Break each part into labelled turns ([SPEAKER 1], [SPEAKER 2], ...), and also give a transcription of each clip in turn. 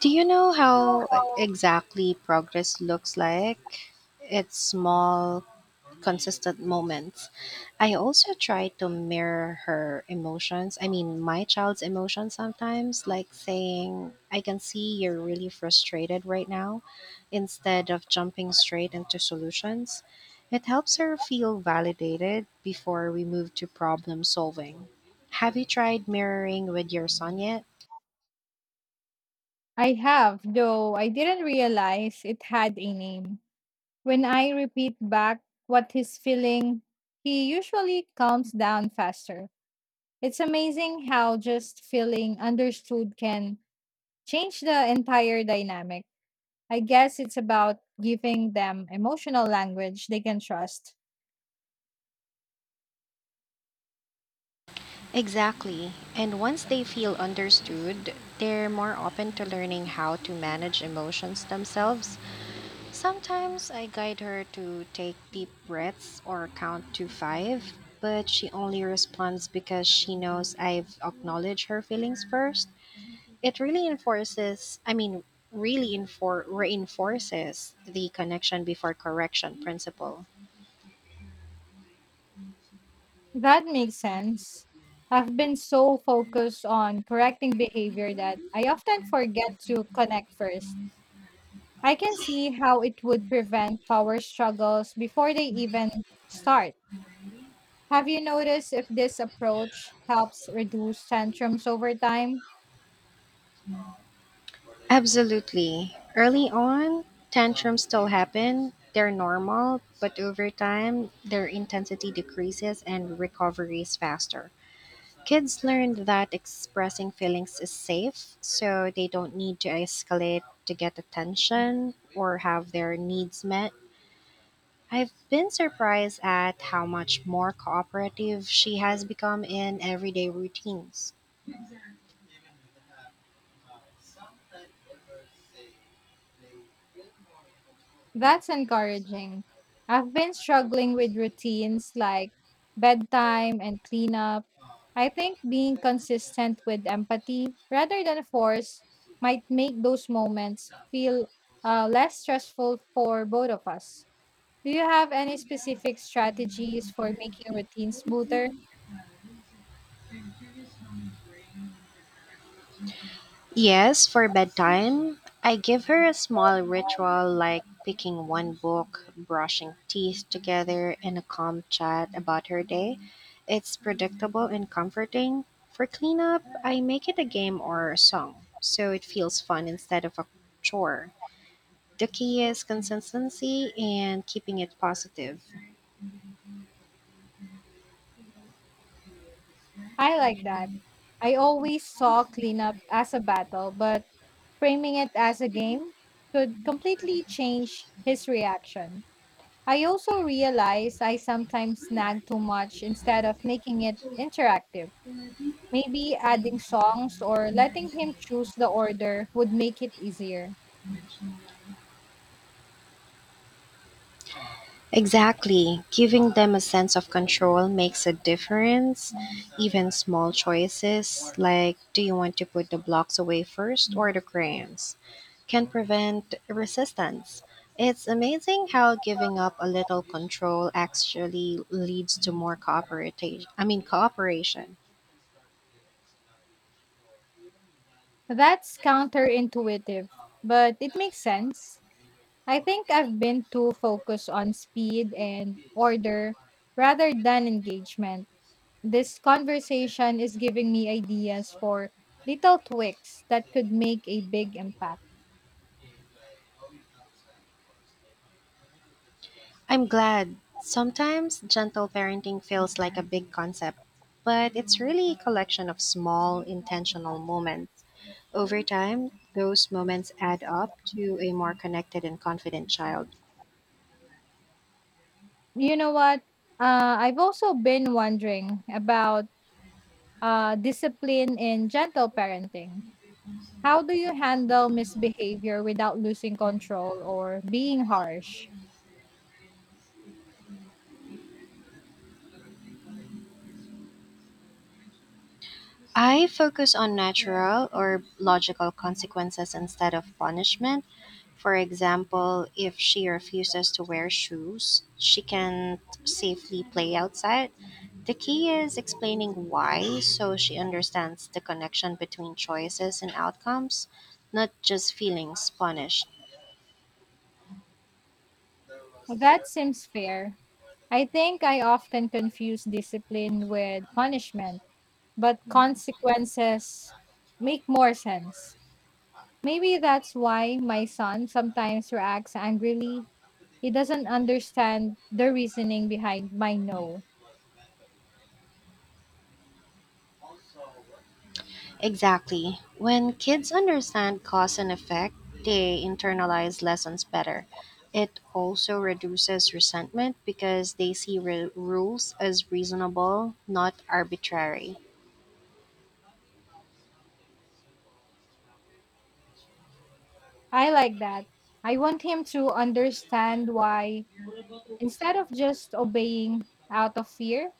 [SPEAKER 1] Do you know how exactly progress looks like? It's small, consistent moments. I also try to mirror her emotions. I mean, my child's emotions sometimes, like saying, I can see you're really frustrated right now, instead of jumping straight into solutions. It helps her feel validated before we move to problem solving. Have you tried mirroring with your son yet?
[SPEAKER 2] I have, though I didn't realize it had a name. When I repeat back what he's feeling, he usually calms down faster. It's amazing how just feeling understood can change the entire dynamic. I guess it's about giving them emotional language they can trust.
[SPEAKER 1] Exactly. And once they feel understood, they're more open to learning how to manage emotions themselves. Sometimes I guide her to take deep breaths or count to five, but she only responds because she knows I've acknowledged her feelings first. It really I mean, really reinforces the connection before correction principle.
[SPEAKER 2] That makes sense. I've been so focused on correcting behavior that I often forget to connect first. I can see how it would prevent power struggles before they even start. Have you noticed if this approach helps reduce tantrums over time?
[SPEAKER 1] Absolutely. Early on, tantrums still happen. They're normal, but over time, their intensity decreases and recovery is faster. Kids learn that expressing feelings is safe, so they don't need to escalate to get attention or have their needs met. I've been surprised at how much more cooperative she has become in everyday routines.
[SPEAKER 2] That's encouraging. I've been struggling with routines like bedtime and cleanup. I think being consistent with empathy rather than force might make those moments feel less stressful for both of us. Do you have any specific strategies for making routine smoother?
[SPEAKER 1] Yes, for bedtime, I give her a small ritual like picking one book, brushing teeth together, and a calm chat about her day. It's predictable and comforting. For cleanup, I make it a game or a song, so it feels fun instead of a chore. The key is consistency and keeping it positive.
[SPEAKER 2] I like that. I always saw cleanup as a battle, but framing it as a game could completely change his reaction. I also realize I sometimes snag too much instead of making it interactive. Maybe adding songs or letting him choose the order would make it easier.
[SPEAKER 1] Exactly. Giving them a sense of control makes a difference. Even small choices, like do you want to put the blocks away first or the crayons, can prevent resistance. It's amazing how giving up a little control actually leads to more cooperation. I mean cooperation.
[SPEAKER 2] That's counterintuitive, but it makes sense. I think I've been too focused on speed and order rather than engagement. This conversation is giving me ideas for little tweaks that could make a big impact.
[SPEAKER 1] I'm glad. Sometimes gentle parenting feels like a big concept, but it's really a collection of small, intentional moments. Over time, those moments add up to a more connected and confident child.
[SPEAKER 2] You know what? I've also been wondering about discipline in gentle parenting. How do you handle misbehavior without losing control or being harsh?
[SPEAKER 1] I focus on natural or logical consequences instead of punishment. For example, if she refuses to wear shoes, she can't safely play outside. The key is explaining why so she understands the connection between choices and outcomes, not just feelings punished.
[SPEAKER 2] Well, that seems fair. I think I often confuse discipline with punishment, but consequences make more sense. Maybe that's why my son sometimes reacts angrily. He doesn't understand the reasoning behind my no.
[SPEAKER 1] Exactly. When kids understand cause and effect, they internalize lessons better. It also reduces resentment because they see rules as reasonable, not arbitrary.
[SPEAKER 2] I like that. I want him to understand why, instead of just obeying out of fear.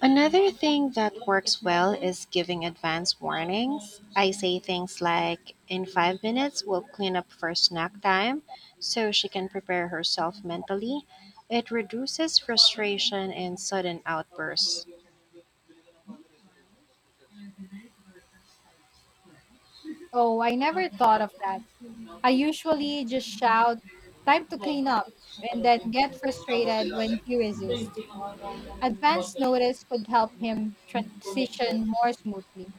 [SPEAKER 1] Another thing that works well is giving advance warnings. I say things like, in 5 minutes, we'll clean up for snack time, so she can prepare herself mentally. It reduces frustration and sudden outbursts.
[SPEAKER 2] Oh, I never thought of that. I usually just shout, "Time to clean up," and then get frustrated when he resists. Advance notice could help him transition more smoothly.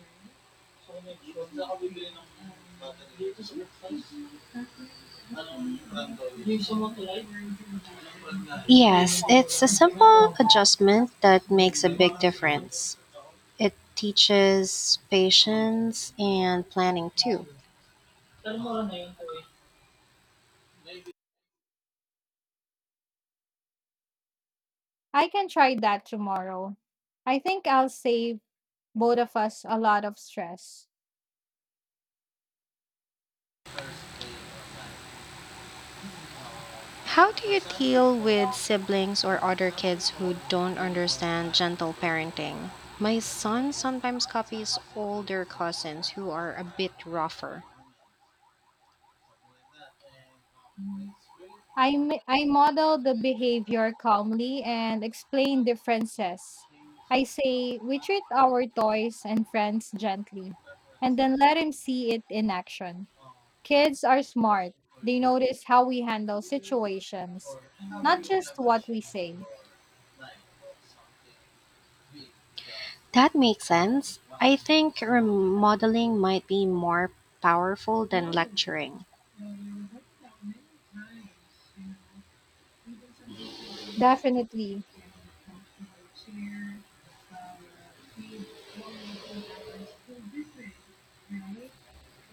[SPEAKER 1] Yes, it's a simple adjustment that makes a big difference. It teaches patience and planning too.
[SPEAKER 2] I can try that tomorrow. I think I'll save both of us a lot of stress.
[SPEAKER 1] How do you deal with siblings or other kids who don't understand gentle parenting? My son sometimes copies older cousins who are a bit rougher.
[SPEAKER 2] I model the behavior calmly and explain differences. I say we treat our toys and friends gently, and then let him see it in action. Kids are smart. They notice how we handle situations, not just what we say.
[SPEAKER 1] That makes sense. I think remodeling might be more powerful than lecturing.
[SPEAKER 2] Definitely,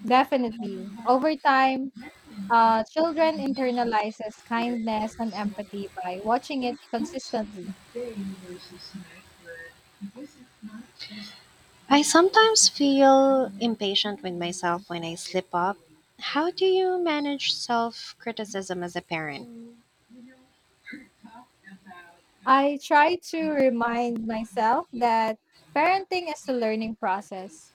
[SPEAKER 2] definitely. Over time, children internalizes kindness and empathy by watching it consistently.
[SPEAKER 1] I sometimes feel impatient with myself when I slip up. How do you manage self criticism as a parent?
[SPEAKER 2] I try to remind myself that parenting is a learning process.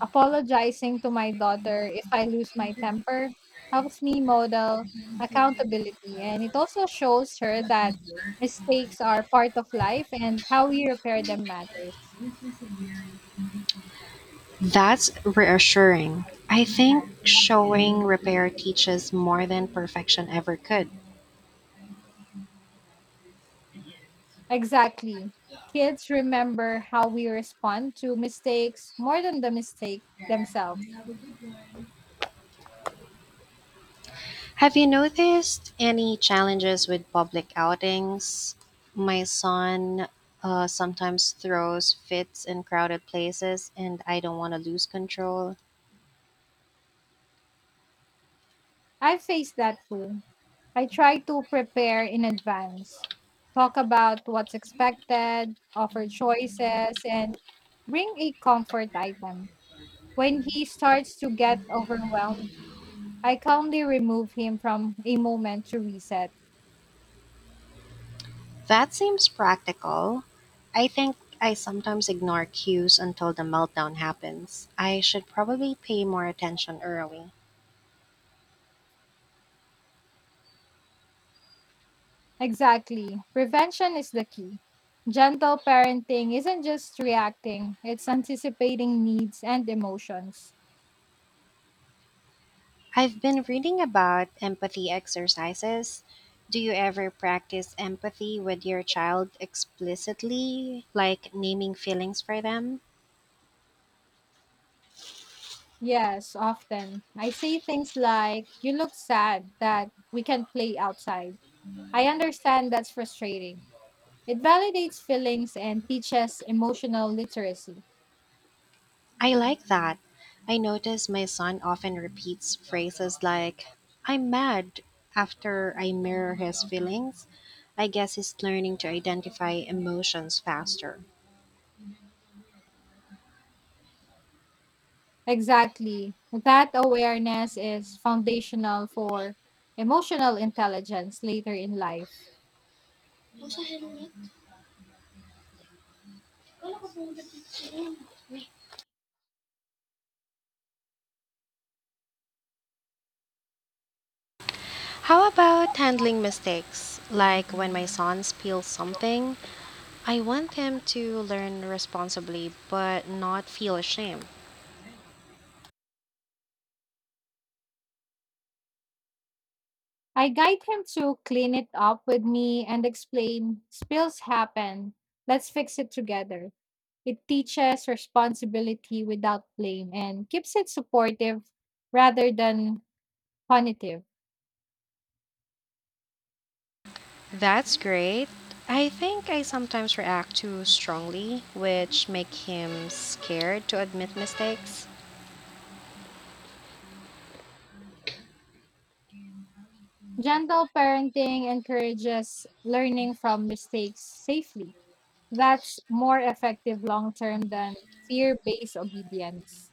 [SPEAKER 2] Apologizing to my daughter if I lose my temper helps me model accountability, and it also shows her that mistakes are part of life and how we repair them matters.
[SPEAKER 1] That's reassuring. I think showing repair teaches more than perfection ever could.
[SPEAKER 2] Exactly. Kids remember how we respond to mistakes more than the mistake themselves.
[SPEAKER 1] Have you noticed any challenges with public outings? My son sometimes throws fits in crowded places, and I don't want to lose control.
[SPEAKER 2] I faced that too. I try to prepare in advance, talk about what's expected, offer choices, and bring a comfort item. When he starts to get overwhelmed, I calmly remove him from a moment to reset.
[SPEAKER 1] That seems practical. I think I sometimes ignore cues until the meltdown happens. I should probably pay more attention early.
[SPEAKER 2] Exactly. Prevention is the key. Gentle parenting isn't just reacting, it's anticipating needs and emotions.
[SPEAKER 1] I've been reading about empathy exercises. Do you ever practice empathy with your child explicitly, like naming feelings for them?
[SPEAKER 2] Yes, often. I say things like, "You look sad that we can't play outside. I understand that's frustrating." It validates feelings and teaches emotional literacy.
[SPEAKER 1] I like that. I notice my son often repeats phrases like, I'm mad, after I mirror his feelings. I guess he's learning to identify emotions faster.
[SPEAKER 2] Exactly. That awareness is foundational for emotional intelligence later in life.
[SPEAKER 1] How about handling mistakes? Like when my son spills something, I want him to learn responsibly but not feel ashamed.
[SPEAKER 2] I guide him to clean it up with me and explain spills happen. Let's fix it together. It teaches responsibility without blame and keeps it supportive rather than punitive.
[SPEAKER 1] That's great. I think I sometimes react too strongly, which make him scared to admit mistakes.
[SPEAKER 2] Gentle parenting encourages learning from mistakes safely. That's more effective long term than fear based obedience.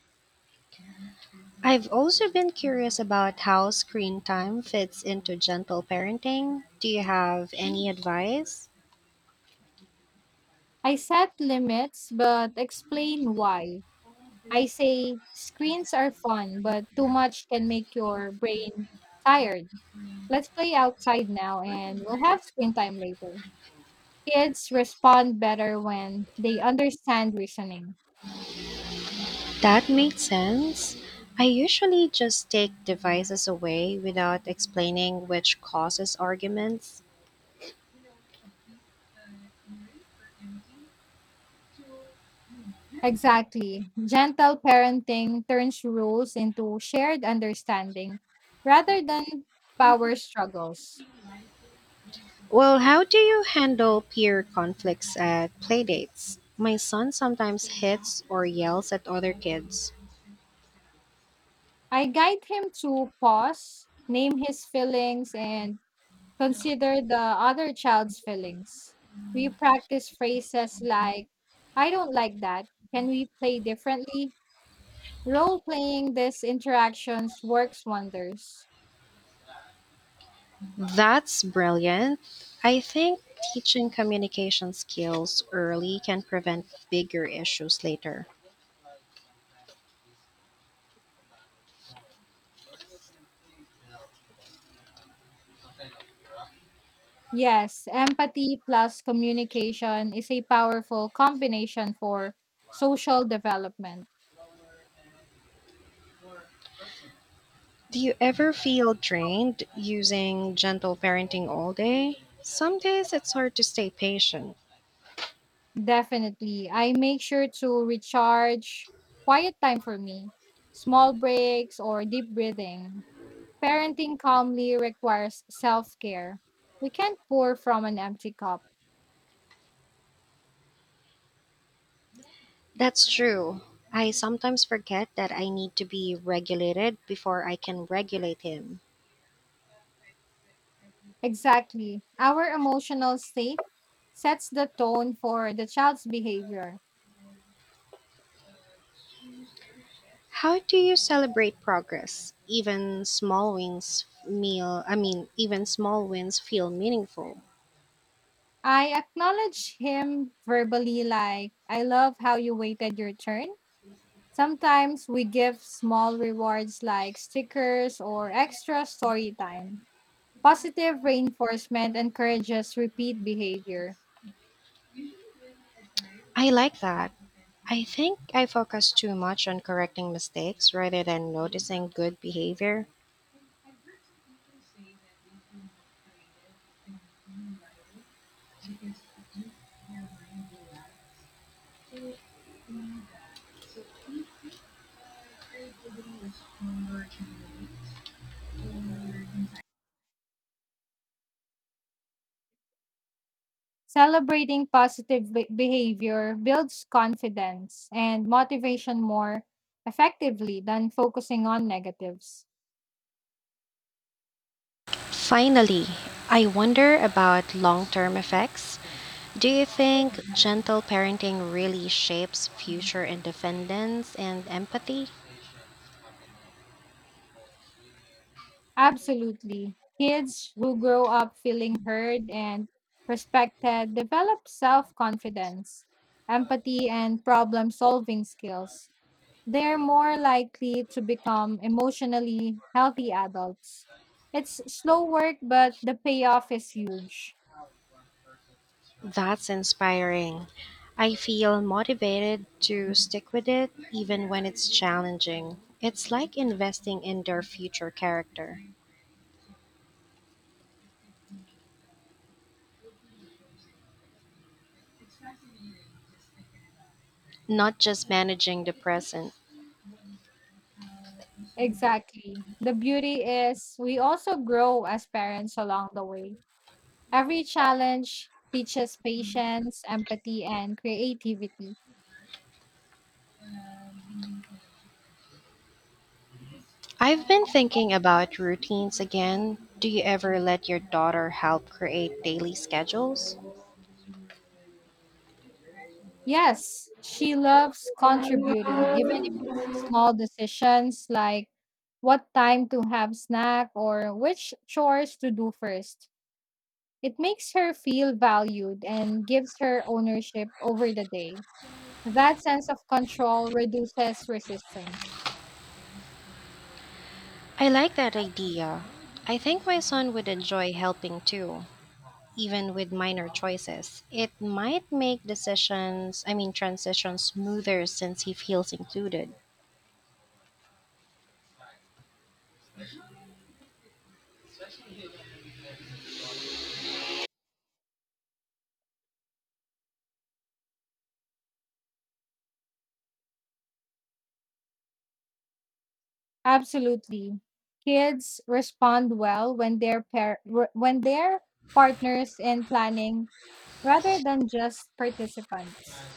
[SPEAKER 1] I've also been curious about how screen time fits into gentle parenting. Do you have any advice?
[SPEAKER 2] I set limits, but explain why. I say screens are fun, but too much can make your brain tired. Let's play outside now and we'll have screen time later. Kids respond better when they understand reasoning.
[SPEAKER 1] That makes sense. I usually just take devices away without explaining which causes arguments.
[SPEAKER 2] Exactly. Gentle parenting turns rules into shared understanding rather than power struggles.
[SPEAKER 1] Well, how do you handle peer conflicts at playdates? My son sometimes hits or yells at other kids.
[SPEAKER 2] I guide him to pause, name his feelings, and consider the other child's feelings. We practice phrases like, "I don't like that. Can we play differently?" Role playing these interactions works wonders.
[SPEAKER 1] That's brilliant. I think teaching communication skills early can prevent bigger issues later.
[SPEAKER 2] Yes, empathy plus communication is a powerful combination for social development.
[SPEAKER 1] Do you ever feel drained using gentle parenting all day? Some days it's hard to stay patient.
[SPEAKER 2] Definitely. I make sure to recharge, quiet time for me, small breaks, or deep breathing. Parenting calmly requires self care. We can't pour from an empty cup.
[SPEAKER 1] That's true. I sometimes forget that I need to be regulated before I can regulate him.
[SPEAKER 2] Exactly. Our emotional state sets the tone for the child's behavior.
[SPEAKER 1] How do you celebrate progress? Even small wins I mean, even small wins feel meaningful.
[SPEAKER 2] I acknowledge him verbally, like, "I love how you waited your turn." Sometimes we give small rewards like stickers or extra story time. Positive reinforcement encourages repeat behavior.
[SPEAKER 1] I like that. I think I focus too much on correcting mistakes rather than noticing good behavior.
[SPEAKER 2] Celebrating behavior builds confidence and motivation more effectively than focusing on negatives.
[SPEAKER 1] Finally, I wonder about long term effects. Do you think gentle parenting really shapes future independence and empathy?
[SPEAKER 2] Absolutely. Kids who grow up feeling heard and respected develop self confidence, empathy, and problem solving skills. They're more likely to become emotionally healthy adults. It's slow work, but the payoff is huge.
[SPEAKER 1] That's inspiring. I feel motivated to stick with it even when it's challenging. It's like investing in their future character, not just managing the present.
[SPEAKER 2] Exactly. The beauty is we also grow as parents along the way. Every challenge teaches patience, empathy, and creativity.
[SPEAKER 1] I've been thinking about routines again. Do you ever let your daughter help create daily schedules?
[SPEAKER 2] Yes, she loves contributing, even if it's small decisions like what time to have snack or which chores to do first. It makes her feel valued and gives her ownership over the day. That sense of control reduces resistance.
[SPEAKER 1] I like that idea. I think my son would enjoy helping too, even with minor choices. It might make I mean, transitions smoother since he feels included.
[SPEAKER 2] Absolutely. Kids respond well when when they're partners in planning rather than just participants.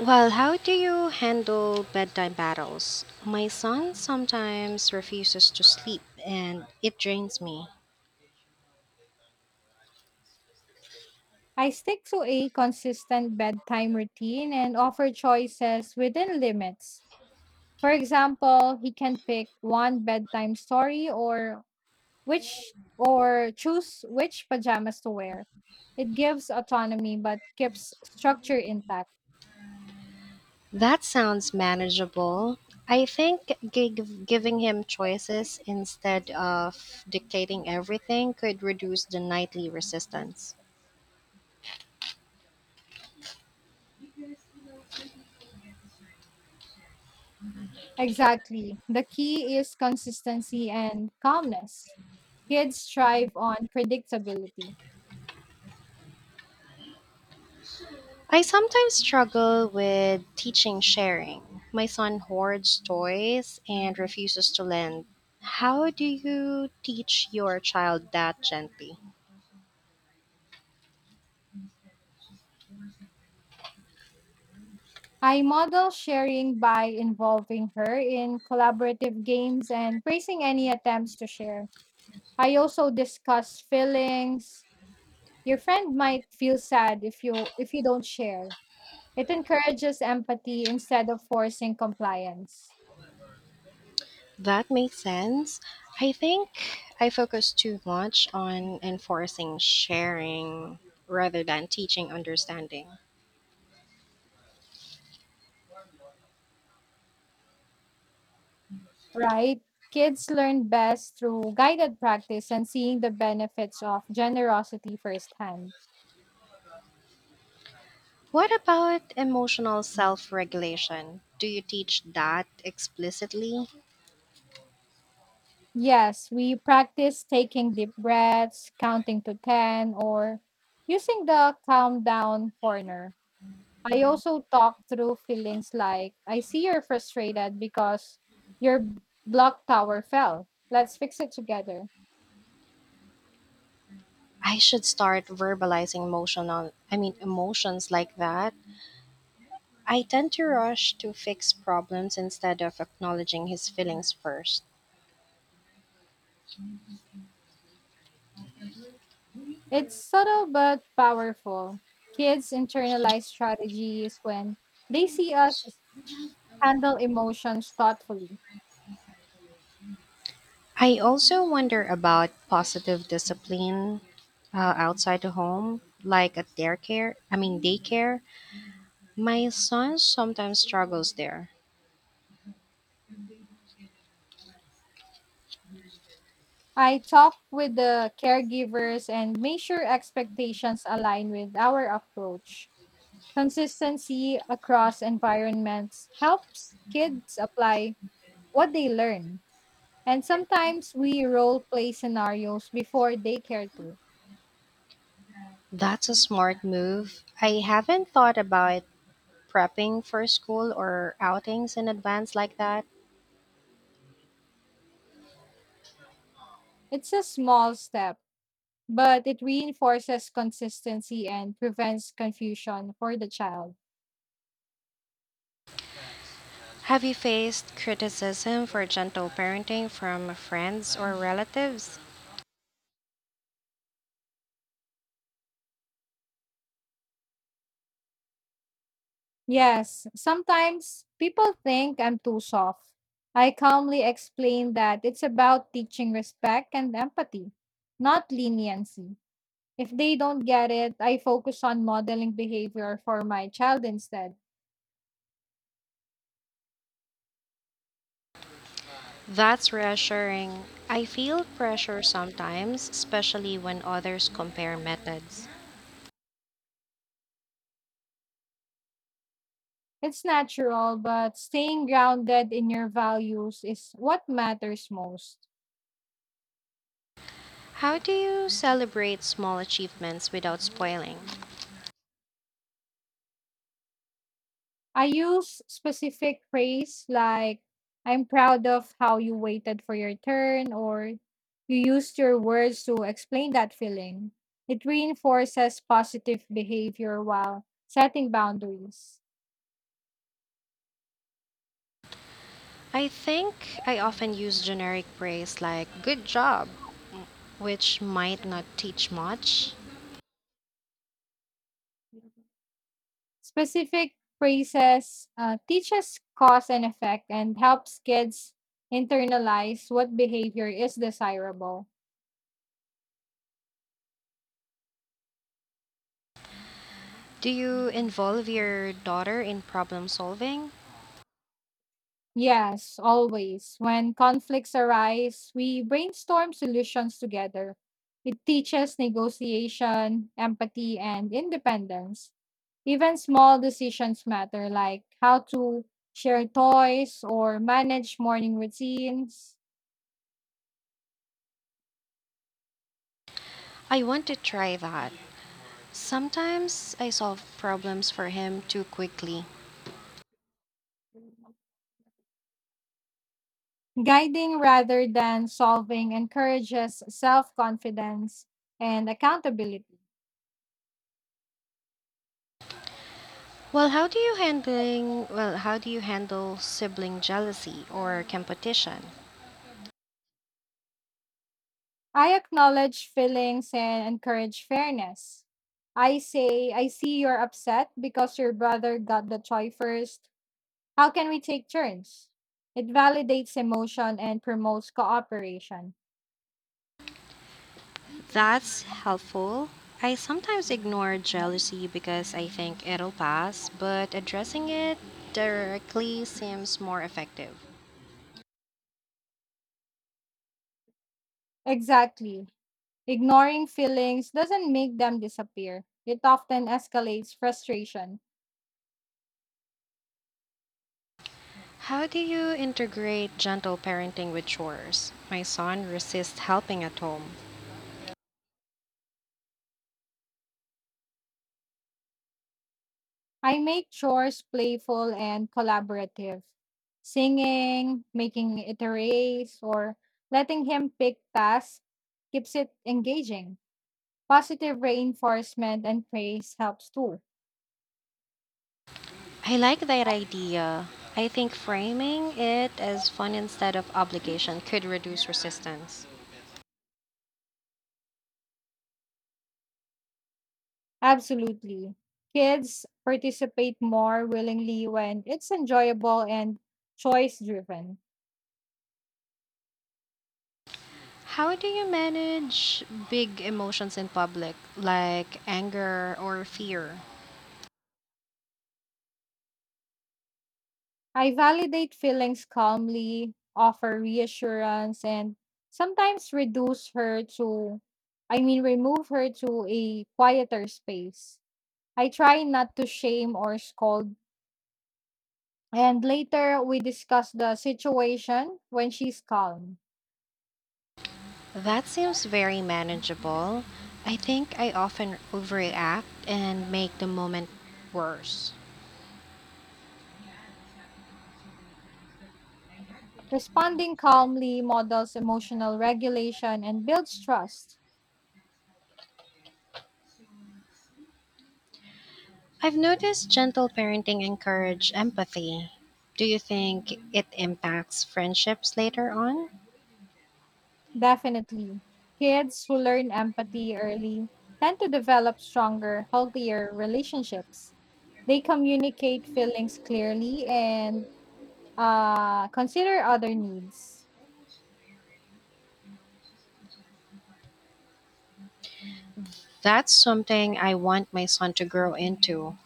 [SPEAKER 1] Well, how do you handle bedtime battles? My son sometimes refuses to sleep and it drains me.
[SPEAKER 2] I stick to a consistent bedtime routine and offer choices within limits. For example, he can pick one bedtime story or which or choose which pajamas to wear. It gives autonomy but keeps structure intact.
[SPEAKER 1] That sounds manageable. I think giving him choices instead of dictating everything could reduce the nightly resistance.
[SPEAKER 2] Exactly. The key is consistency and calmness. Kids thrive on predictability.
[SPEAKER 1] I sometimes struggle with teaching sharing. My son hoards toys and refuses to lend. How do you teach your child that gently?
[SPEAKER 2] I model sharing by involving her in collaborative games and praising any attempts to share. I also discuss feelings. Your friend might feel sad if you don't share. It encourages empathy instead of forcing compliance,
[SPEAKER 1] That makes sense. I think I focus too much on enforcing sharing rather than teaching understanding.
[SPEAKER 2] right? Kids learn best through guided practice and seeing the benefits of generosity firsthand.
[SPEAKER 1] What about emotional self regulation? Do you teach that explicitly?
[SPEAKER 2] Yes, we practice taking deep breaths, counting to 10, or using the calm down corner. I also talk through feelings like, "I see you're frustrated because your block tower fell. Let's fix it together."
[SPEAKER 1] I should start verbalizing emotional I mean emotions like that. I tend to rush to fix problems instead of acknowledging his feelings first.
[SPEAKER 2] It's subtle but powerful. Kids internalize strategies when they see us handle emotions thoughtfully.
[SPEAKER 1] I also wonder about positive discipline outside the home, like at daycare. I mean daycare. My son sometimes struggles there.
[SPEAKER 2] I talk with the caregivers and make sure expectations align with our approach. Consistency across environments helps kids apply what they learn. And sometimes we role play scenarios before daycare too.
[SPEAKER 1] That's a smart move. I haven't thought about prepping for school or outings in advance like that?
[SPEAKER 2] It's a small step but it reinforces consistency and prevents confusion for the child.
[SPEAKER 1] Have you faced criticism for gentle parenting from friends or relatives?
[SPEAKER 2] Yes, sometimes people think I'm too soft. I calmly explain that it's about teaching respect and empathy, not leniency. If they don't get it, I focus on modeling behavior for my child instead.
[SPEAKER 1] That's reassuring. I feel pressure sometimes, especially when others compare methods.
[SPEAKER 2] It's natural, but staying grounded in your values is what matters most.
[SPEAKER 1] How do you celebrate small achievements without spoiling?
[SPEAKER 2] I use specific praise like, "I'm proud of how you waited for your turn," or, "You used your words to explain that feeling." It reinforces positive behavior while setting boundaries.
[SPEAKER 1] I think I often use generic praise like good job, which might not teach much.
[SPEAKER 2] Specific praises teaches cause and effect and helps kids internalize what behavior is desirable.
[SPEAKER 1] Do you involve your daughter in problem solving?
[SPEAKER 2] Yes, always. When conflicts arise, we brainstorm solutions together. It teaches negotiation, empathy, and independence. Even small decisions matter, like how to share toys or manage morning routines.
[SPEAKER 1] I want to try that. Sometimes I solve problems for him too quickly.
[SPEAKER 2] Guiding rather than solving encourages self confidence and accountability.
[SPEAKER 1] Well, how do you handle sibling jealousy or competition?
[SPEAKER 2] I acknowledge feelings and encourage fairness. I say, "I see you're upset because your brother got the toy first. How can we take turns?" It validates emotion and promotes cooperation.
[SPEAKER 1] That's helpful. I sometimes ignore jealousy because I think it'll pass, but addressing it directly seems more effective.
[SPEAKER 2] Exactly. Ignoring feelings doesn't make them disappear, it often escalates frustration.
[SPEAKER 1] How do you integrate gentle parenting with chores? My son resists helping at home.
[SPEAKER 2] I make chores playful and collaborative. Singing, making it a race, or letting him pick tasks keeps it engaging. Positive reinforcement and praise helps too.
[SPEAKER 1] I like that idea. I think framing it as fun instead of obligation could reduce resistance.
[SPEAKER 2] Absolutely. Kids participate more willingly when it's enjoyable and choice driven.
[SPEAKER 1] How do you manage big emotions in public, like anger or fear?
[SPEAKER 2] I validate feelings calmly, offer reassurance, and sometimes reduce her to, I mean, remove her to a quieter space. I try not to shame or scold. And later, we discuss the situation when she's calm.
[SPEAKER 1] That seems very manageable. I think I often overreact and make the moment worse.
[SPEAKER 2] Responding calmly models emotional regulation and builds trust.
[SPEAKER 1] I've noticed gentle parenting encourage empathy. Do you think it impacts friendships later on?
[SPEAKER 2] Definitely. Kids who learn empathy early tend to develop stronger, healthier relationships. They communicate feelings clearly and consider other needs.
[SPEAKER 1] That's something I want my son to grow into.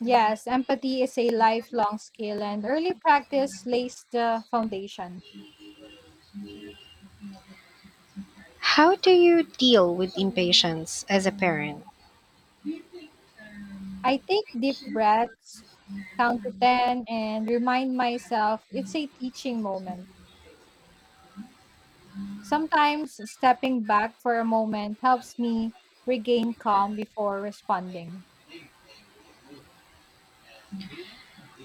[SPEAKER 2] Yes, empathy is a lifelong skill, and early practice lays the foundation.
[SPEAKER 1] How do you deal with impatience as a parent?
[SPEAKER 2] I take deep breaths, count to 10, and remind myself it's a teaching moment. Sometimes stepping back for a moment helps me regain calm before responding.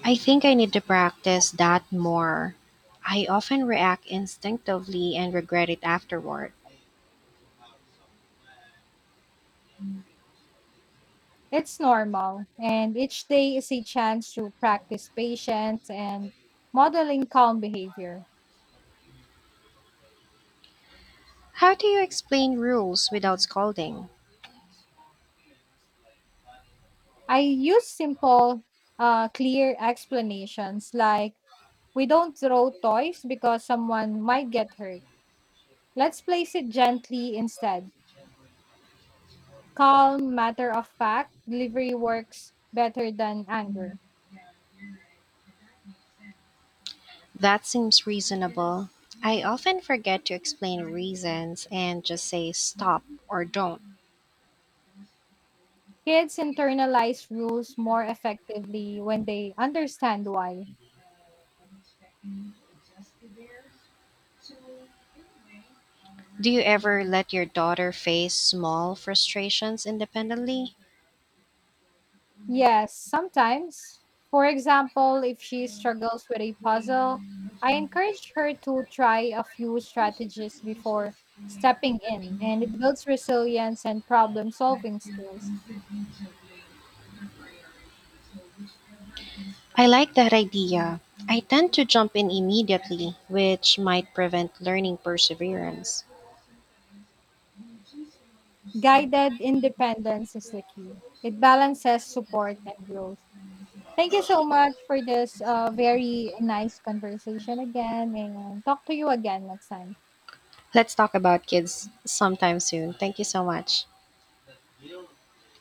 [SPEAKER 1] I think I need to practice that more. I often react instinctively and regret it afterward.
[SPEAKER 2] It's normal, and each day is a chance to practice patience and modeling calm behavior.
[SPEAKER 1] How do you explain rules without scolding?
[SPEAKER 2] I use simple, clear explanations like, "We don't throw toys because someone might get hurt. Let's place it gently instead." Calm, matter of fact delivery works better than anger.
[SPEAKER 1] That seems reasonable. I often forget to explain reasons and just say stop or don't.
[SPEAKER 2] Kids internalize rules more effectively when they understand why.
[SPEAKER 1] Do you ever let your daughter face small frustrations independently?
[SPEAKER 2] Yes, sometimes. For example, if she struggles with a puzzle, I encourage her to try a few strategies before stepping in, and it builds resilience and problem solving skills.
[SPEAKER 1] I like that idea. I tend to jump in immediately, which might prevent learning perseverance.
[SPEAKER 2] Guided independence is the key, it balances support and growth. Thank you so much for this very nice conversation again, and talk to you again next time.
[SPEAKER 1] Let's talk about kids sometime soon. Thank you so much.